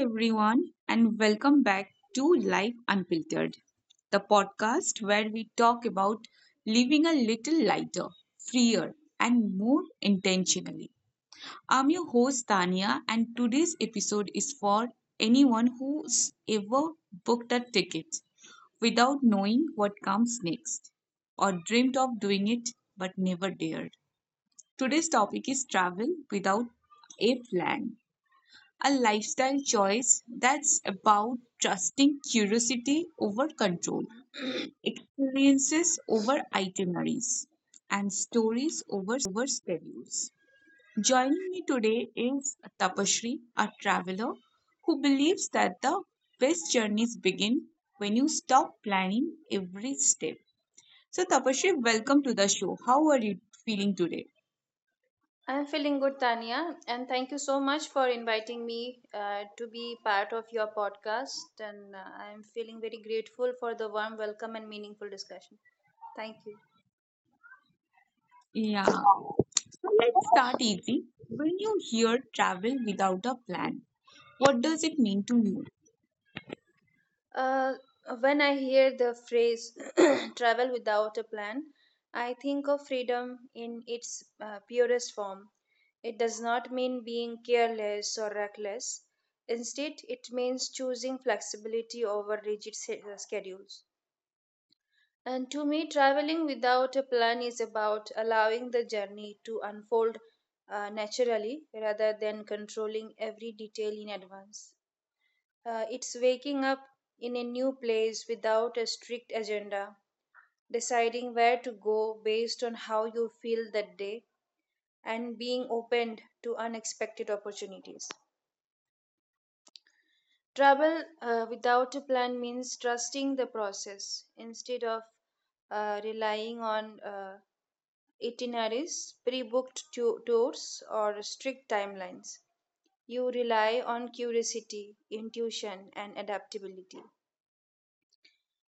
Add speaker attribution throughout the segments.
Speaker 1: everyone, and welcome back to Life Unfiltered, the podcast where we talk about living a little lighter, freer, and more intentionally. I'm your host, Tania, and today's episode is for anyone who's ever booked a ticket without knowing what comes next, or dreamed of doing it but never dared. Today's topic is travel without a plan, a lifestyle choice that's about trusting curiosity over control, experiences over itineraries, and stories over schedules. Joining me today is Tapashri, a traveler who believes that the best journeys begin when you stop planning every step. So, Tapashri, welcome to the show. How are you feeling today?
Speaker 2: I'm feeling good, Tanya, and thank you so much for inviting me to be part of your podcast. And I'm feeling very grateful for the warm welcome and meaningful discussion. Thank you.
Speaker 1: Yeah, so let's start easy. When you hear travel without a plan, what does it mean to you?
Speaker 2: Uh, when I hear the phrase travel without a plan, I think of freedom in its purest form. It does not mean being careless or reckless. Instead, it means choosing flexibility over rigid schedules. And to me, traveling without a plan is about allowing the journey to unfold naturally rather than controlling every detail in advance. It's waking up in a new place without a strict agenda, deciding where to go based on how you feel that day, and being open to unexpected opportunities. Travel without a plan means trusting the process instead of relying on itineraries, pre-booked tours, or strict timelines. You rely on curiosity, intuition, and adaptability.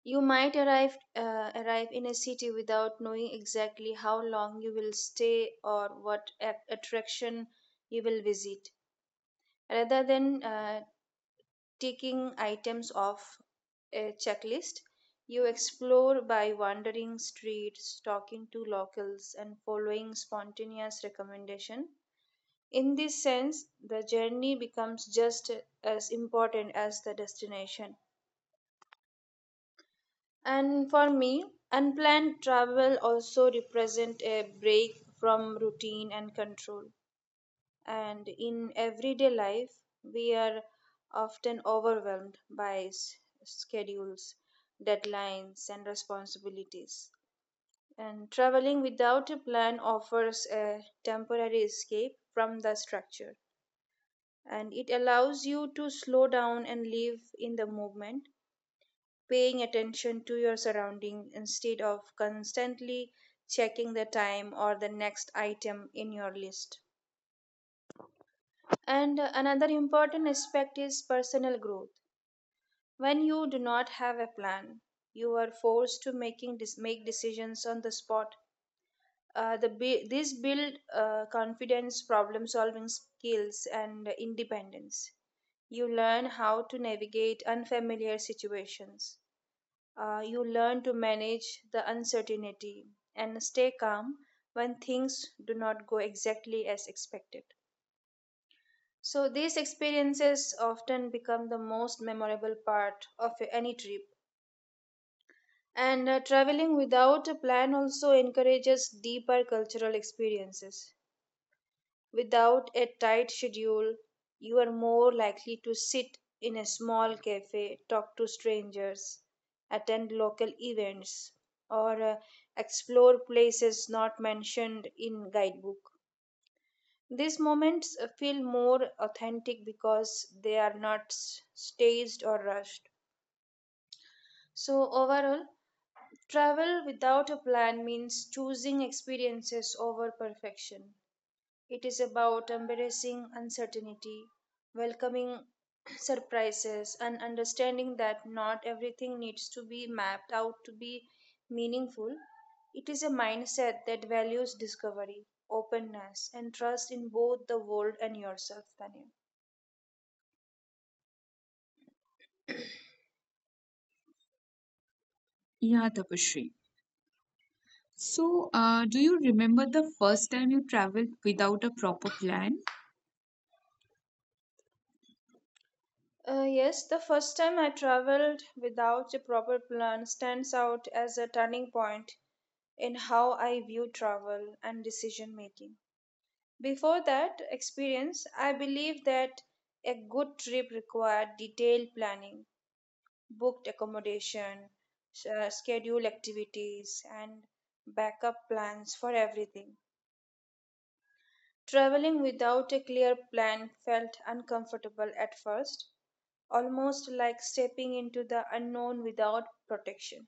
Speaker 2: You might arrive in a city without knowing exactly how long you will stay or what attraction you will visit. Rather than ticking items off a checklist, you explore by wandering streets, talking to locals, and following spontaneous recommendation. In this sense, the journey becomes just as important as the destination. And for me, unplanned travel also represent a break from routine and control. And in everyday life, we are often overwhelmed by schedules, deadlines, and responsibilities. And traveling without a plan offers a temporary escape from the structure and it allows you to slow down and live in the movement, paying attention to your surrounding instead of constantly checking the time or the next item in your list. And another important aspect is personal growth. When you do not have a plan, you are forced to making make decisions on the spot. This build confidence, problem solving skills, and independence. You learn how to navigate unfamiliar situations. You learn to manage the uncertainty and stay calm when things do not go exactly as expected. So, these experiences often become the most memorable part of any trip. And traveling without a plan also encourages deeper cultural experiences. Without a tight schedule, you are more likely to sit in a small cafe, talk to strangers, attend local events, or explore places not mentioned in guidebook. These moments feel more authentic because they are not staged or rushed. So, overall, travel without a plan means choosing experiences over perfection. It is about embracing uncertainty, welcoming surprises, and understanding that not everything needs to be mapped out to be meaningful. It is a mindset that values discovery, openness, and trust in both the world and yourself, Tanya.
Speaker 1: Yeah, Tapasree. So, do you remember the first time you traveled without a proper plan?
Speaker 2: Yes, the first time I traveled without a proper plan stands out as a turning point in how I view travel and decision making. Before that experience, I believe that a good trip required detailed planning, booked accommodation, scheduled activities, and backup plans for everything. Traveling without a clear plan felt uncomfortable at first, almost like stepping into the unknown without protection.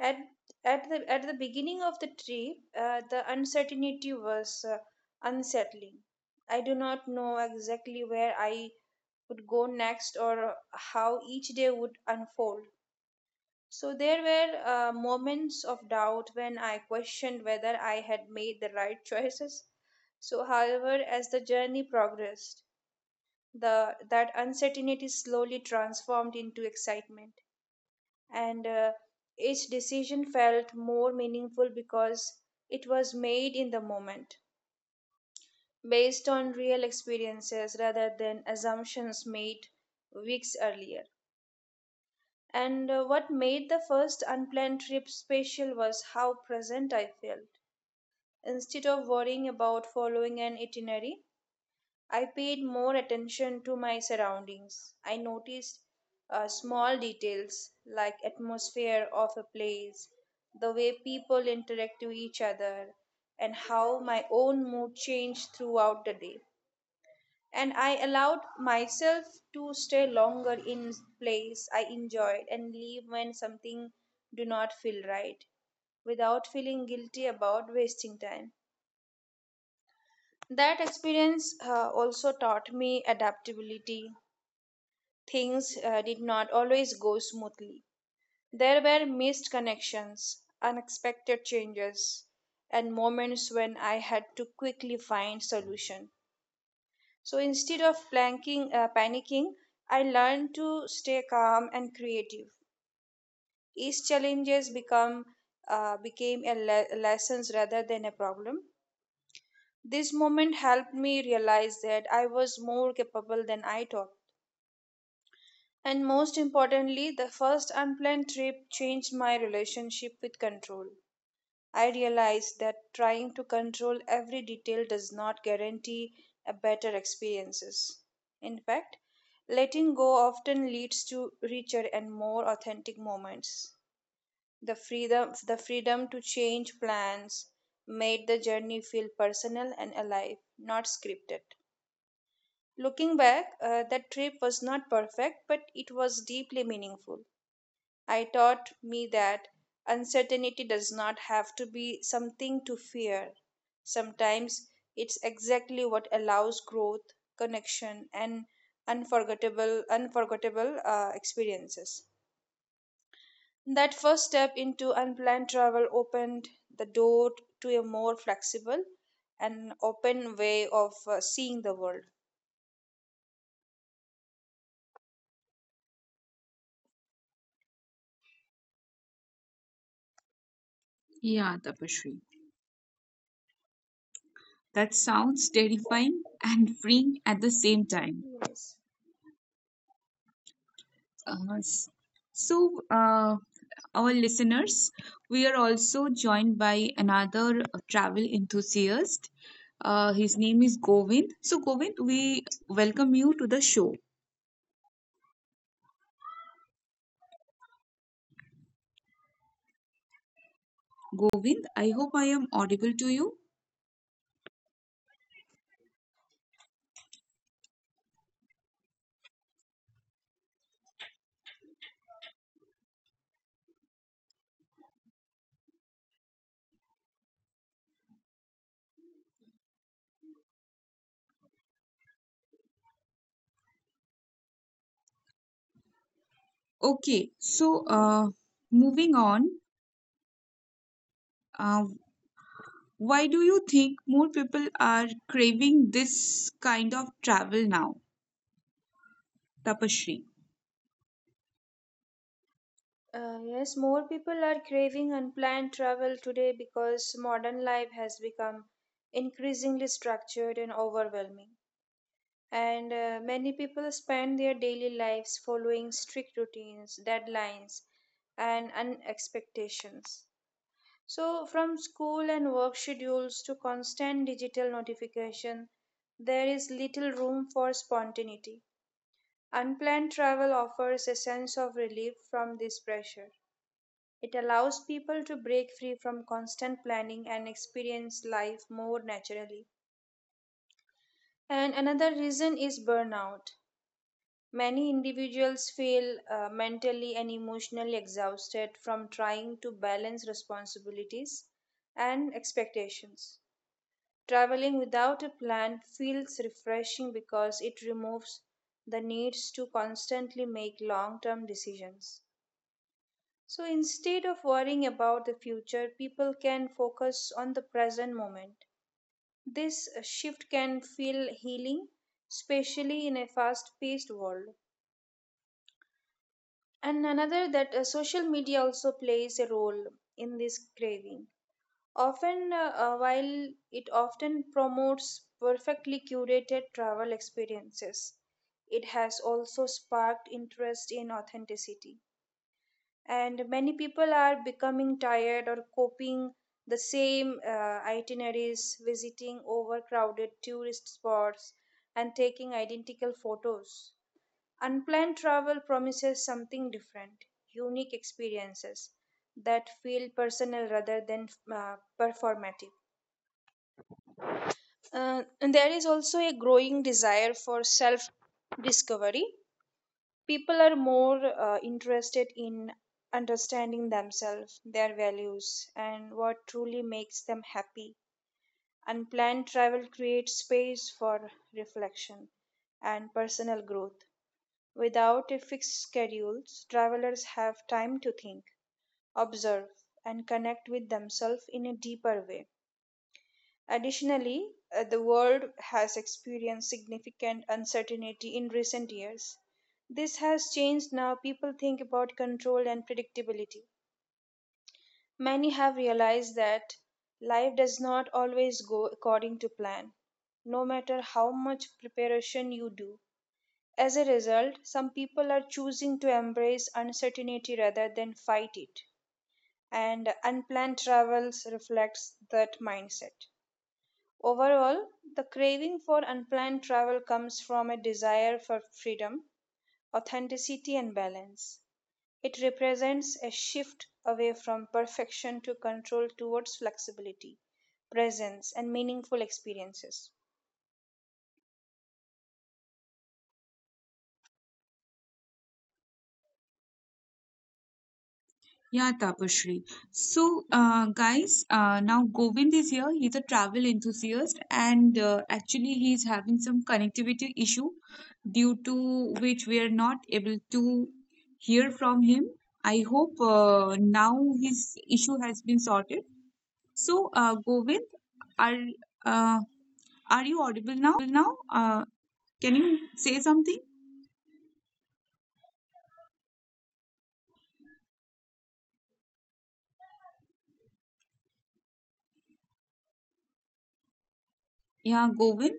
Speaker 2: At at the beginning of the trip, the uncertainty was unsettling. I do not know exactly where I would go next or how each day would unfold. So there were moments of doubt when I questioned whether I had made the right choices. So, however, as the journey progressed, the that uncertainty slowly transformed into excitement and each decision felt more meaningful because it was made in the moment based on real experiences rather than assumptions made weeks earlier. And what made the first unplanned trip special was how present I felt. Instead of worrying about following an itinerary, I paid more attention to my surroundings. I noticed small details like atmosphere of a place, the way people interact with each other, and how my own mood changed throughout the day. And I allowed myself to stay longer in place I enjoyed and leave when something do not feel right without feeling guilty about wasting time. That experience also taught me adaptability. Things did not always go smoothly. There were missed connections, unexpected changes, and moments when I had to quickly find solution. So instead of panicking, I learned to stay calm and creative. Each challenges become became a lessons rather than a problem. This moment helped me realize that I was more capable than I thought. And most importantly, the first unplanned trip changed my relationship with control. I realized that trying to control every detail does not guarantee a better experiences. In fact, letting go often leads to richer and more authentic moments. The freedom to change plans made the journey feel personal and alive, not scripted. Looking back, that trip was not perfect, but it was deeply meaningful. I taught me that uncertainty does not have to be something to fear. Sometimes it's exactly what allows growth, connection, and unforgettable experiences. That first step into unplanned travel opened the door to a more flexible and open way of seeing the world.
Speaker 1: Yeah, Tapasree. That sounds terrifying and freeing at the same time.
Speaker 2: Yes.
Speaker 1: Uh, s- so, uh, our listeners, we are also joined by another travel enthusiast. His name is Govind. So, Govind, we welcome you to the show. Govind, I hope I am audible to you. Okay, so moving on, uh, why do you think more people are craving this kind of travel now, Tapashri?
Speaker 2: Yes, more people are craving unplanned travel today because modern life has become increasingly structured and overwhelming. And many people spend their daily lives following strict routines, deadlines, and expectations. So, from school and work schedules to constant digital notification, there is little room for spontaneity. Unplanned travel offers a sense of relief from this pressure. It allows people to break free from constant planning and experience life more naturally. And another reason is burnout. Many individuals feel mentally and emotionally exhausted from trying to balance responsibilities and expectations. Traveling without a plan feels refreshing because it removes the needs to constantly make long term decisions. So instead of worrying about the future, people can focus on the present moment. This shift can feel healing, especially in a fast paced world. And another that social media also plays a role in this craving. While it often promotes perfectly curated travel experiences, it has also sparked interest in authenticity and many people are becoming tired or coping the same itineraries visiting overcrowded tourist spots and taking identical photos unplanned travel promises something different unique experiences that feel personal rather than uh, performative. And there is also a growing desire for self discovery. People are more interested in understanding themselves, their values, and what truly makes them happy. Unplanned travel creates space for reflection and personal growth. Without a fixed schedule, travelers have time to think, observe, and connect with themselves in a deeper way. Additionally, the world has experienced significant uncertainty in recent years. This has changed now. People think about control and predictability. Many have realized that life does not always go according to plan, no matter how much preparation you do. As a result, some people are choosing to embrace uncertainty rather than fight it, and unplanned travels reflects that mindset. Overall, the craving for unplanned travel comes from a desire for freedom, authenticity, and balance. It represents a shift away from perfection to control towards flexibility, presence, and meaningful experiences.
Speaker 1: Yeah, Tapashri. So, guys, now Govind is here. He's a travel enthusiast, and actually, he's having some connectivity issue due to which we are not able to hear from him. I hope now his issue has been sorted. So, Govind, are uh, are you audible now? Can you say something? Yeah, Govind.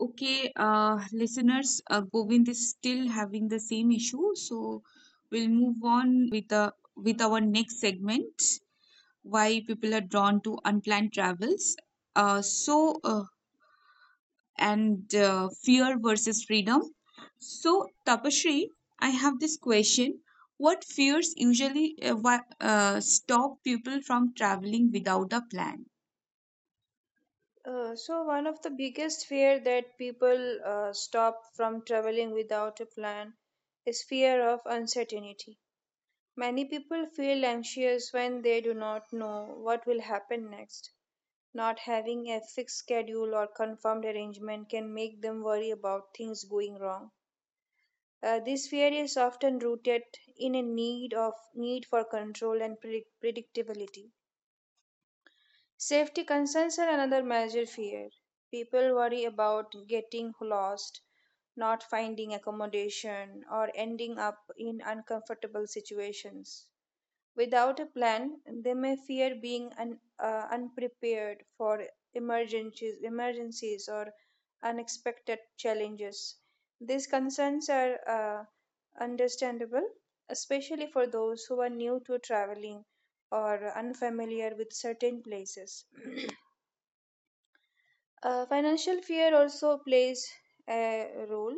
Speaker 1: Okay, listeners, Govind is still having the same issue, so we'll move on in the podcast with our next segment, why people are drawn to unplanned travels. So, and fear versus freedom. So, Tapashri, I have this question. What fears usually stop people from traveling without a plan?
Speaker 2: So, one of the biggest fear that people stop from traveling without a plan is fear of uncertainty. Many people feel anxious when they do not know what will happen next. Not having a fixed schedule or confirmed arrangement can make them worry about things going wrong. This fear is often rooted in a need for control and predictability. Safety concerns are another major fear. People worry about getting lost, not finding accommodation, or ending up in uncomfortable situations. Without a plan, they may fear being unprepared for emergencies or unexpected challenges. These concerns are understandable, especially for those who are new to traveling or unfamiliar with certain places. Financial fear also plays a role.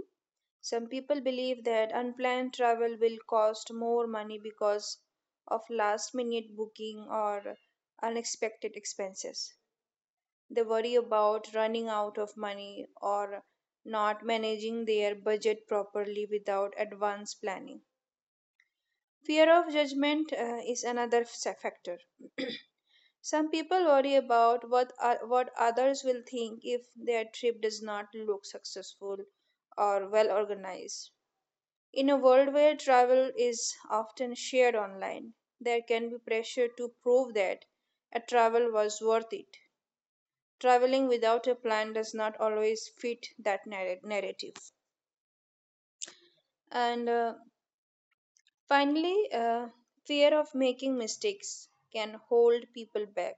Speaker 2: Some people believe that unplanned travel will cost more money because of last minute booking or unexpected expenses. They worry about running out of money or not managing their budget properly without advance planning. Fear of judgment is another factor. Some people worry about what others will think if their trip does not look successful or well organized. In a world where travel is often shared online, there can be pressure to prove that a travel was worth it. Traveling without a plan does not always fit that narrative. And Finally, fear of making mistakes can hold people back.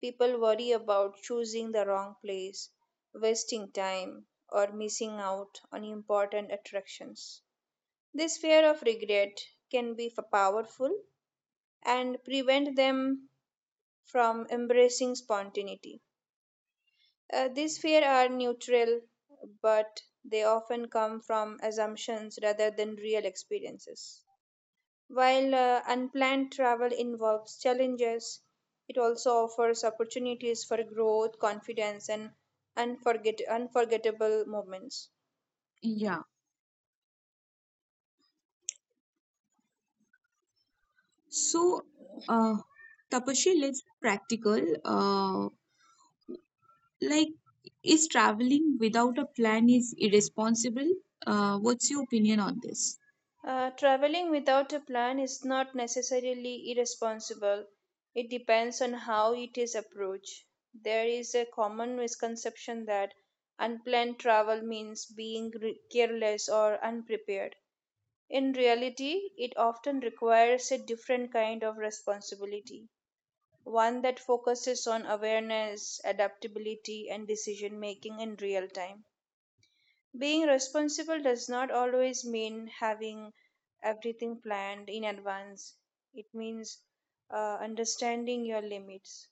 Speaker 2: People worry about choosing the wrong place, wasting time, or missing out on important attractions. This fear of regret can be powerful and prevent them from embracing spontaneity. These fears are neutral, but they often come from assumptions rather than real experiences. While unplanned travel involves challenges, it also offers opportunities for growth, confidence, and unforgettable moments.
Speaker 1: Yeah. So, uh, Tapashri, let's be practical. Like, is traveling without a plan is irresponsible? What's your opinion on this?
Speaker 2: Traveling without a plan is not necessarily irresponsible. It depends on how it is approached. There is a common misconception that unplanned travel means being careless or unprepared. In reality, it often requires a different kind of responsibility, one that focuses on awareness, adaptability, and decision making in real time. Being responsible does not always mean having everything planned in advance. It means understanding your limits,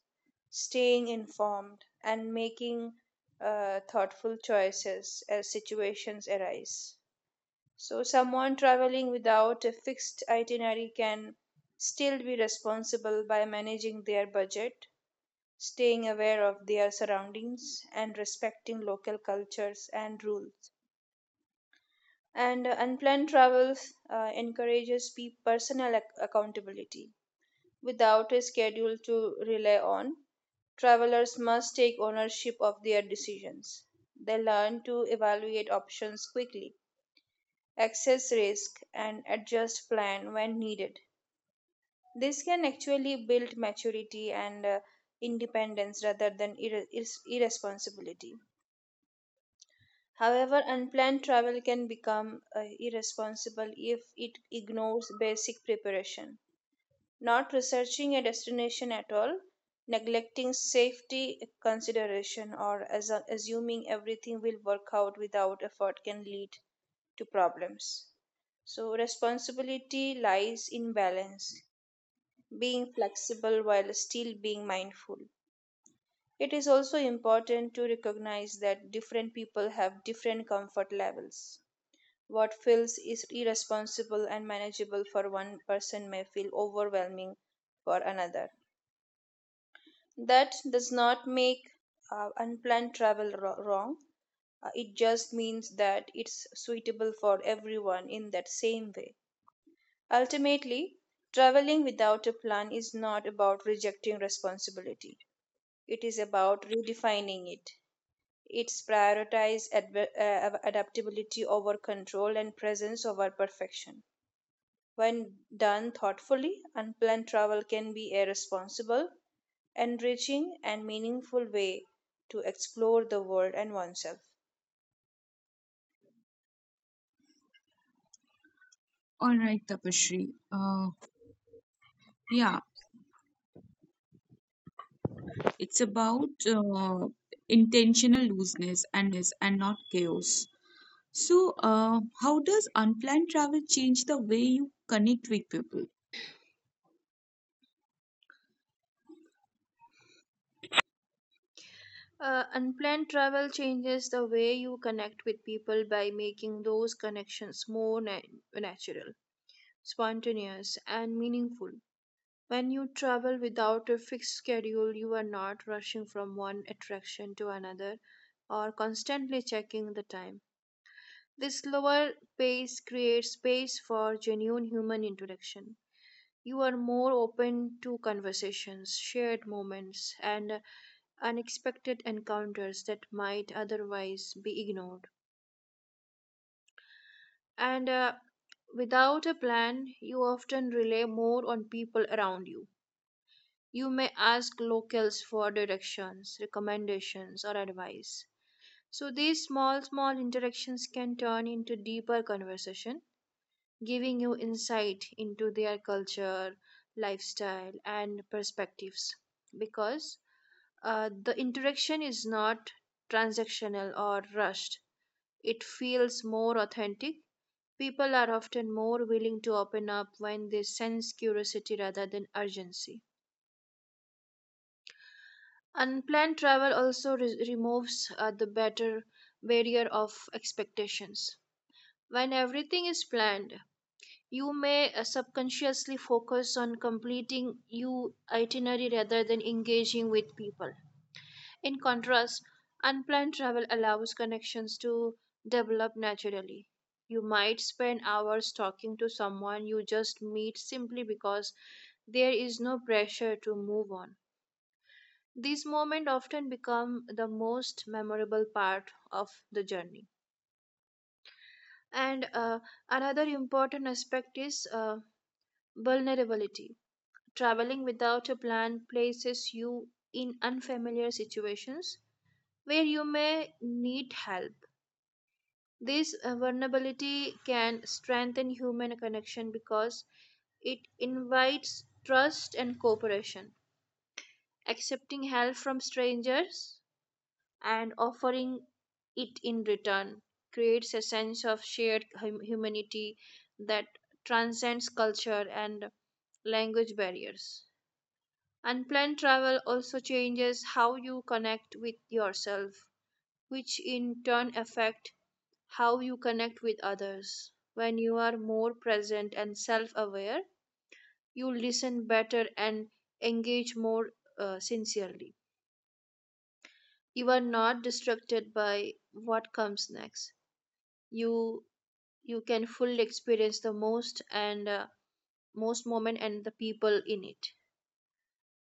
Speaker 2: staying informed, and making thoughtful choices as situations arise. So, someone traveling without a fixed itinerary can still be responsible by managing their budget, staying aware of their surroundings, and respecting local cultures and rules. And unplanned travels encourages personal accountability. Without a schedule to rely on, travelers must take ownership of their decisions. They learn to evaluate options quickly, assess risk, and adjust plan when needed. This can actually build maturity and independence rather than irresponsibility. However, unplanned travel can become irresponsible if it ignores basic preparation. Not researching a destination at all, neglecting safety consideration, or as assuming everything will work out without effort can lead to problems. So, responsibility lies in balance, being flexible while still being mindful. It is also important to recognize that different people have different comfort levels. What feels is irresponsible and manageable for one person may feel overwhelming for another. That does not make unplanned travel wrong. It just means that it's suitable for everyone in that same way. Ultimately, traveling without a plan is not about rejecting responsibility. It is about redefining it. It's prioritize adaptability over control and presence over perfection. When done thoughtfully, unplanned travel can be a responsible, enriching, and meaningful way to explore the world and oneself.
Speaker 1: All right, Tapashri. Yeah, it's about intentional looseness and not chaos. So, how does unplanned travel change the way you connect with people?
Speaker 2: Unplanned travel changes the way you connect with people by making those connections more natural, spontaneous, and meaningful. When you travel without a fixed schedule, you are not rushing from one attraction to another or constantly checking the time. This slower pace creates space for genuine human interaction. You are more open to conversations, shared moments, and unexpected encounters that might otherwise be ignored. And without a plan, you often rely more on people around you. You may ask locals for directions, recommendations, or advice. So these small interactions can turn into deeper conversation, giving you insight into their culture, lifestyle, and perspectives. Because the interaction is not transactional or rushed, it feels more authentic. People are often more willing to open up when they sense curiosity rather than urgency. Unplanned travel also removes the better barrier of expectations. When everything is planned, you may subconsciously focus on completing your itinerary rather than engaging with people. In contrast, unplanned travel allows connections to develop naturally. You might spend hours talking to someone you just meet simply because there is no pressure to move on. These moments often become the most memorable part of the journey. And another important aspect is vulnerability. Traveling without a plan places you in unfamiliar situations where you may need help. This vulnerability can strengthen human connection because it invites trust and cooperation. Accepting help from strangers and offering it in return creates a sense of shared humanity that transcends culture and language barriers. Unplanned travel also changes how you connect with yourself, which in turn affect how you connect with others. When you are more present and self-aware, you listen better and engage more sincerely. You are not distracted by what comes next. You you can fully experience the most and most moment and the people in it.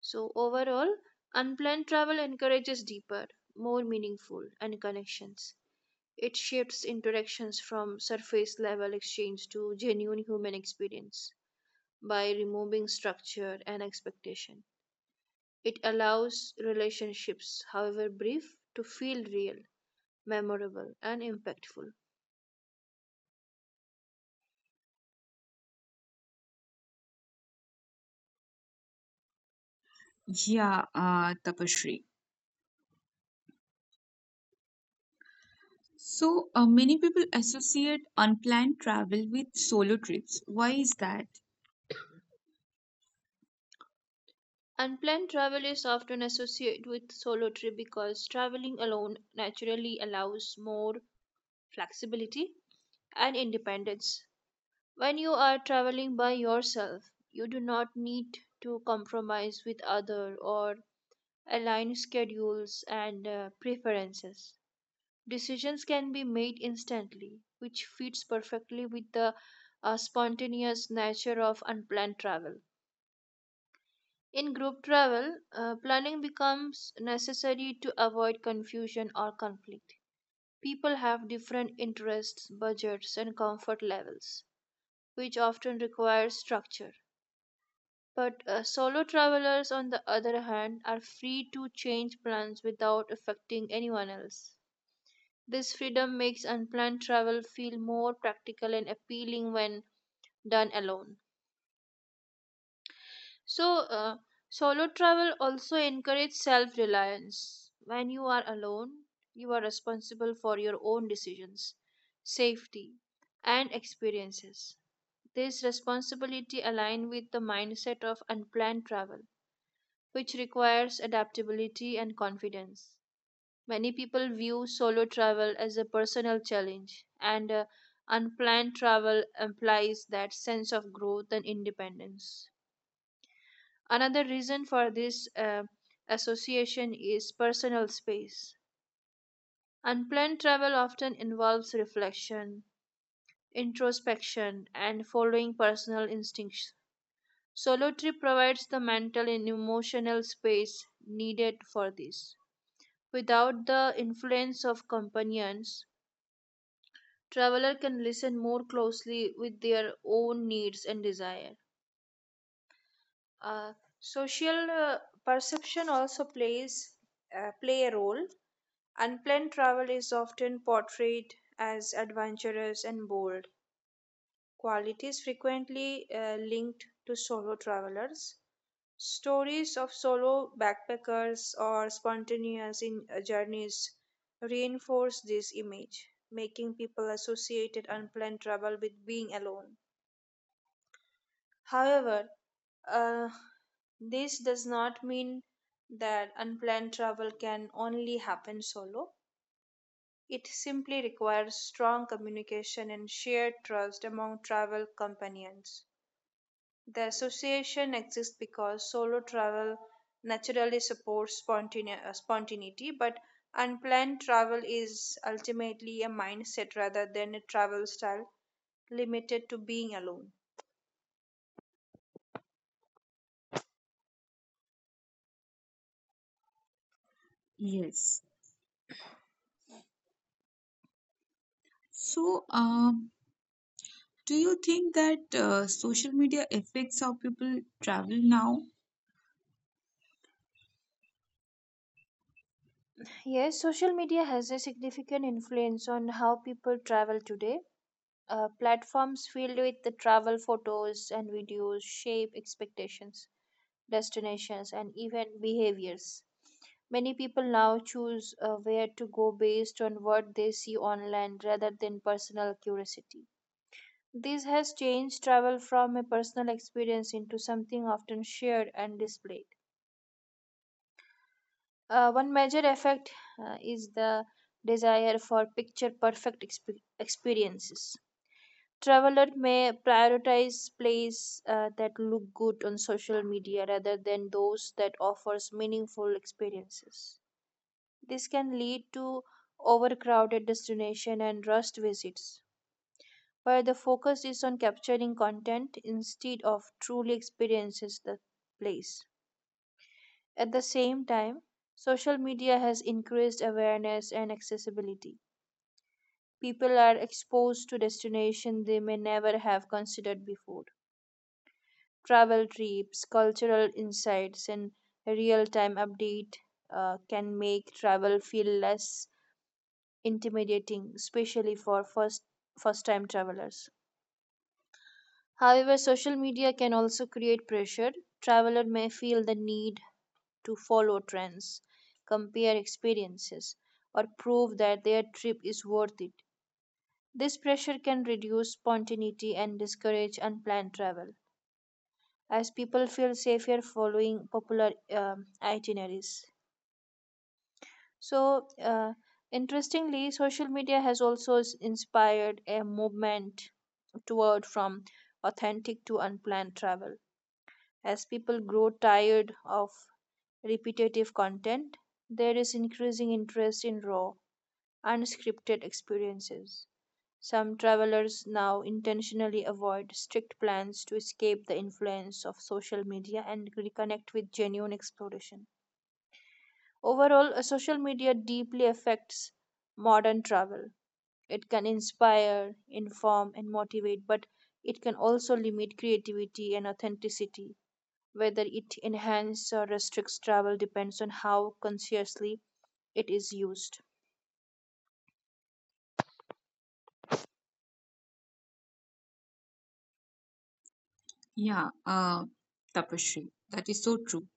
Speaker 2: So, overall, unplanned travel encourages deeper, more meaningful and connections. It shifts interactions from surface level exchange to genuine human experience by removing structure and expectation. It allows relationships, however brief, to feel real, memorable, and impactful.
Speaker 1: Yeah, Tapashri. So, many people associate unplanned travel with solo trips. Why is that?
Speaker 2: Unplanned travel is often associated with solo trip because traveling alone naturally allows more flexibility and independence. When you are traveling by yourself, you do not need to compromise with other or align schedules and preferences. Decisions can be made instantly, which fits perfectly with the spontaneous nature of unplanned travel. In group travel, planning becomes necessary to avoid confusion or conflict. People have different interests, budgets, and comfort levels, which often requires structure. But solo travelers, on the other hand, are free to change plans without affecting anyone else. This freedom makes unplanned travel feel more practical and appealing when done alone. So, solo travel also encourages self reliance. When you are alone, you are responsible for your own decisions, safety, and experiences. This responsibility aligns with the mindset of unplanned travel, which requires adaptability and confidence. Many people view solo travel as a personal challenge, and unplanned travel implies that sense of growth and independence. Another reason for this association is personal space. Unplanned travel often involves reflection, introspection, and following personal instincts. Solo trip provides the mental and emotional space needed for this. Without the influence of companions, traveler can listen more closely with their own needs and desire. Uh, social perception also plays play a role. Unplanned travel is often portrayed as adventurous and bold, qualities frequently linked to solo travelers. Stories of solo backpackers or spontaneous journeys reinforce this image, making people associated unplanned travel with being alone. However, uh, this does not mean that unplanned travel can only happen solo. It simply requires strong communication and shared trust among travel companions. The association exists because solo travel naturally supports spontaneity, but unplanned travel is ultimately a mindset rather than a travel style limited to being alone.
Speaker 1: Yes. So, do you think that social media affects how people travel now?
Speaker 2: Yes, social media has a significant influence on how people travel today. Platforms filled with the travel photos and videos shape expectations, destinations, and even behaviors. Many people now choose where to go based on what they see online rather than personal curiosity. This has changed travel from a personal experience into something often shared and displayed. One major effect is the desire for picture perfect experiences. Traveler may prioritize places that look good on social media rather than those that offers meaningful experiences. This can lead to overcrowded destination and rushed visits, where the focus is on capturing content instead of truly experiences the place. At the same time, social media has increased awareness and accessibility. People are exposed to destinations they may never have considered before. Travel trips, cultural insights, and real time update can make travel feel less intimidating, especially for first time travelers. However, social media can also create pressure. Traveler may feel the need to follow trends, compare experiences, or prove that their trip is worth it. This pressure can reduce spontaneity and discourage unplanned travel, as people feel safer following popular itineraries. So, interestingly, social media has also inspired a movement toward from authentic to unplanned travel. As people grow tired of repetitive content, there is increasing interest in raw, unscripted experiences. Some travelers now intentionally avoid strict plans to escape the influence of social media and reconnect with genuine exploration. Overall, social media deeply affects modern travel. It can inspire, inform, and motivate, but it can also limit creativity and authenticity. Whether it enhances or restricts travel depends on how consciously it is used.
Speaker 1: Yeah, Tapashri, that is so true.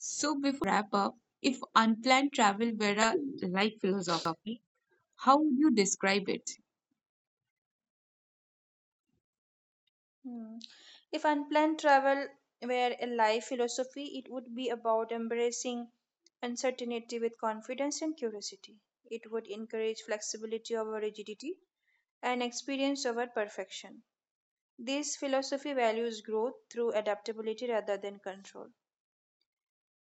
Speaker 1: So, before I wrap up, if unplanned travel were a life philosophy, how would you describe it?
Speaker 2: Hmm. If unplanned travel were a life philosophy, it would be about embracing uncertainty with confidence and curiosity. It would encourage flexibility over rigidity and experience over perfection. This philosophy values growth through adaptability rather than control.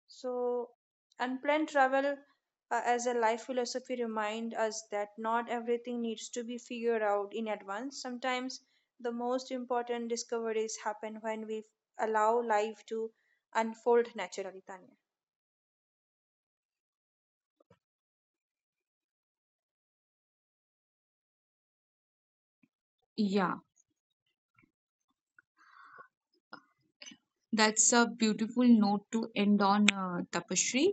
Speaker 2: So, unplanned travel as a life philosophy remind us that not everything needs to be figured out in advance. Sometimes the most important discoveries happen when we allow life to unfold naturally, Tanya.
Speaker 1: Yeah, that's a beautiful note to end on, Tapashri.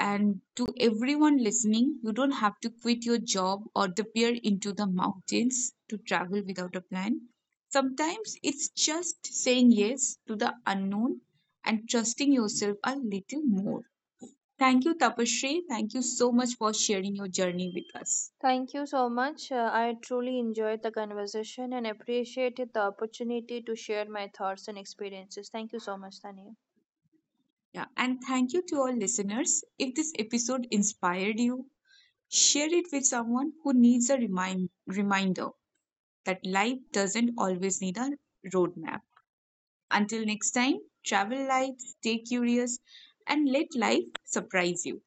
Speaker 1: And to everyone listening, you don't have to quit your job or disappear into the mountains to travel without a plan. Sometimes it's just saying yes to the unknown and trusting yourself a little more. Thank you, Tapasree. Thank you so much for sharing your journey with us.
Speaker 2: Thank you so much. I truly enjoyed the conversation and appreciated the opportunity to share my thoughts and experiences. Thank you so much, Tanya.
Speaker 1: Yeah, and thank you to our listeners. If this episode inspired you, share it with someone who needs a reminder that life doesn't always need a roadmap. Until next time, travel light, stay curious, and let life surprise you.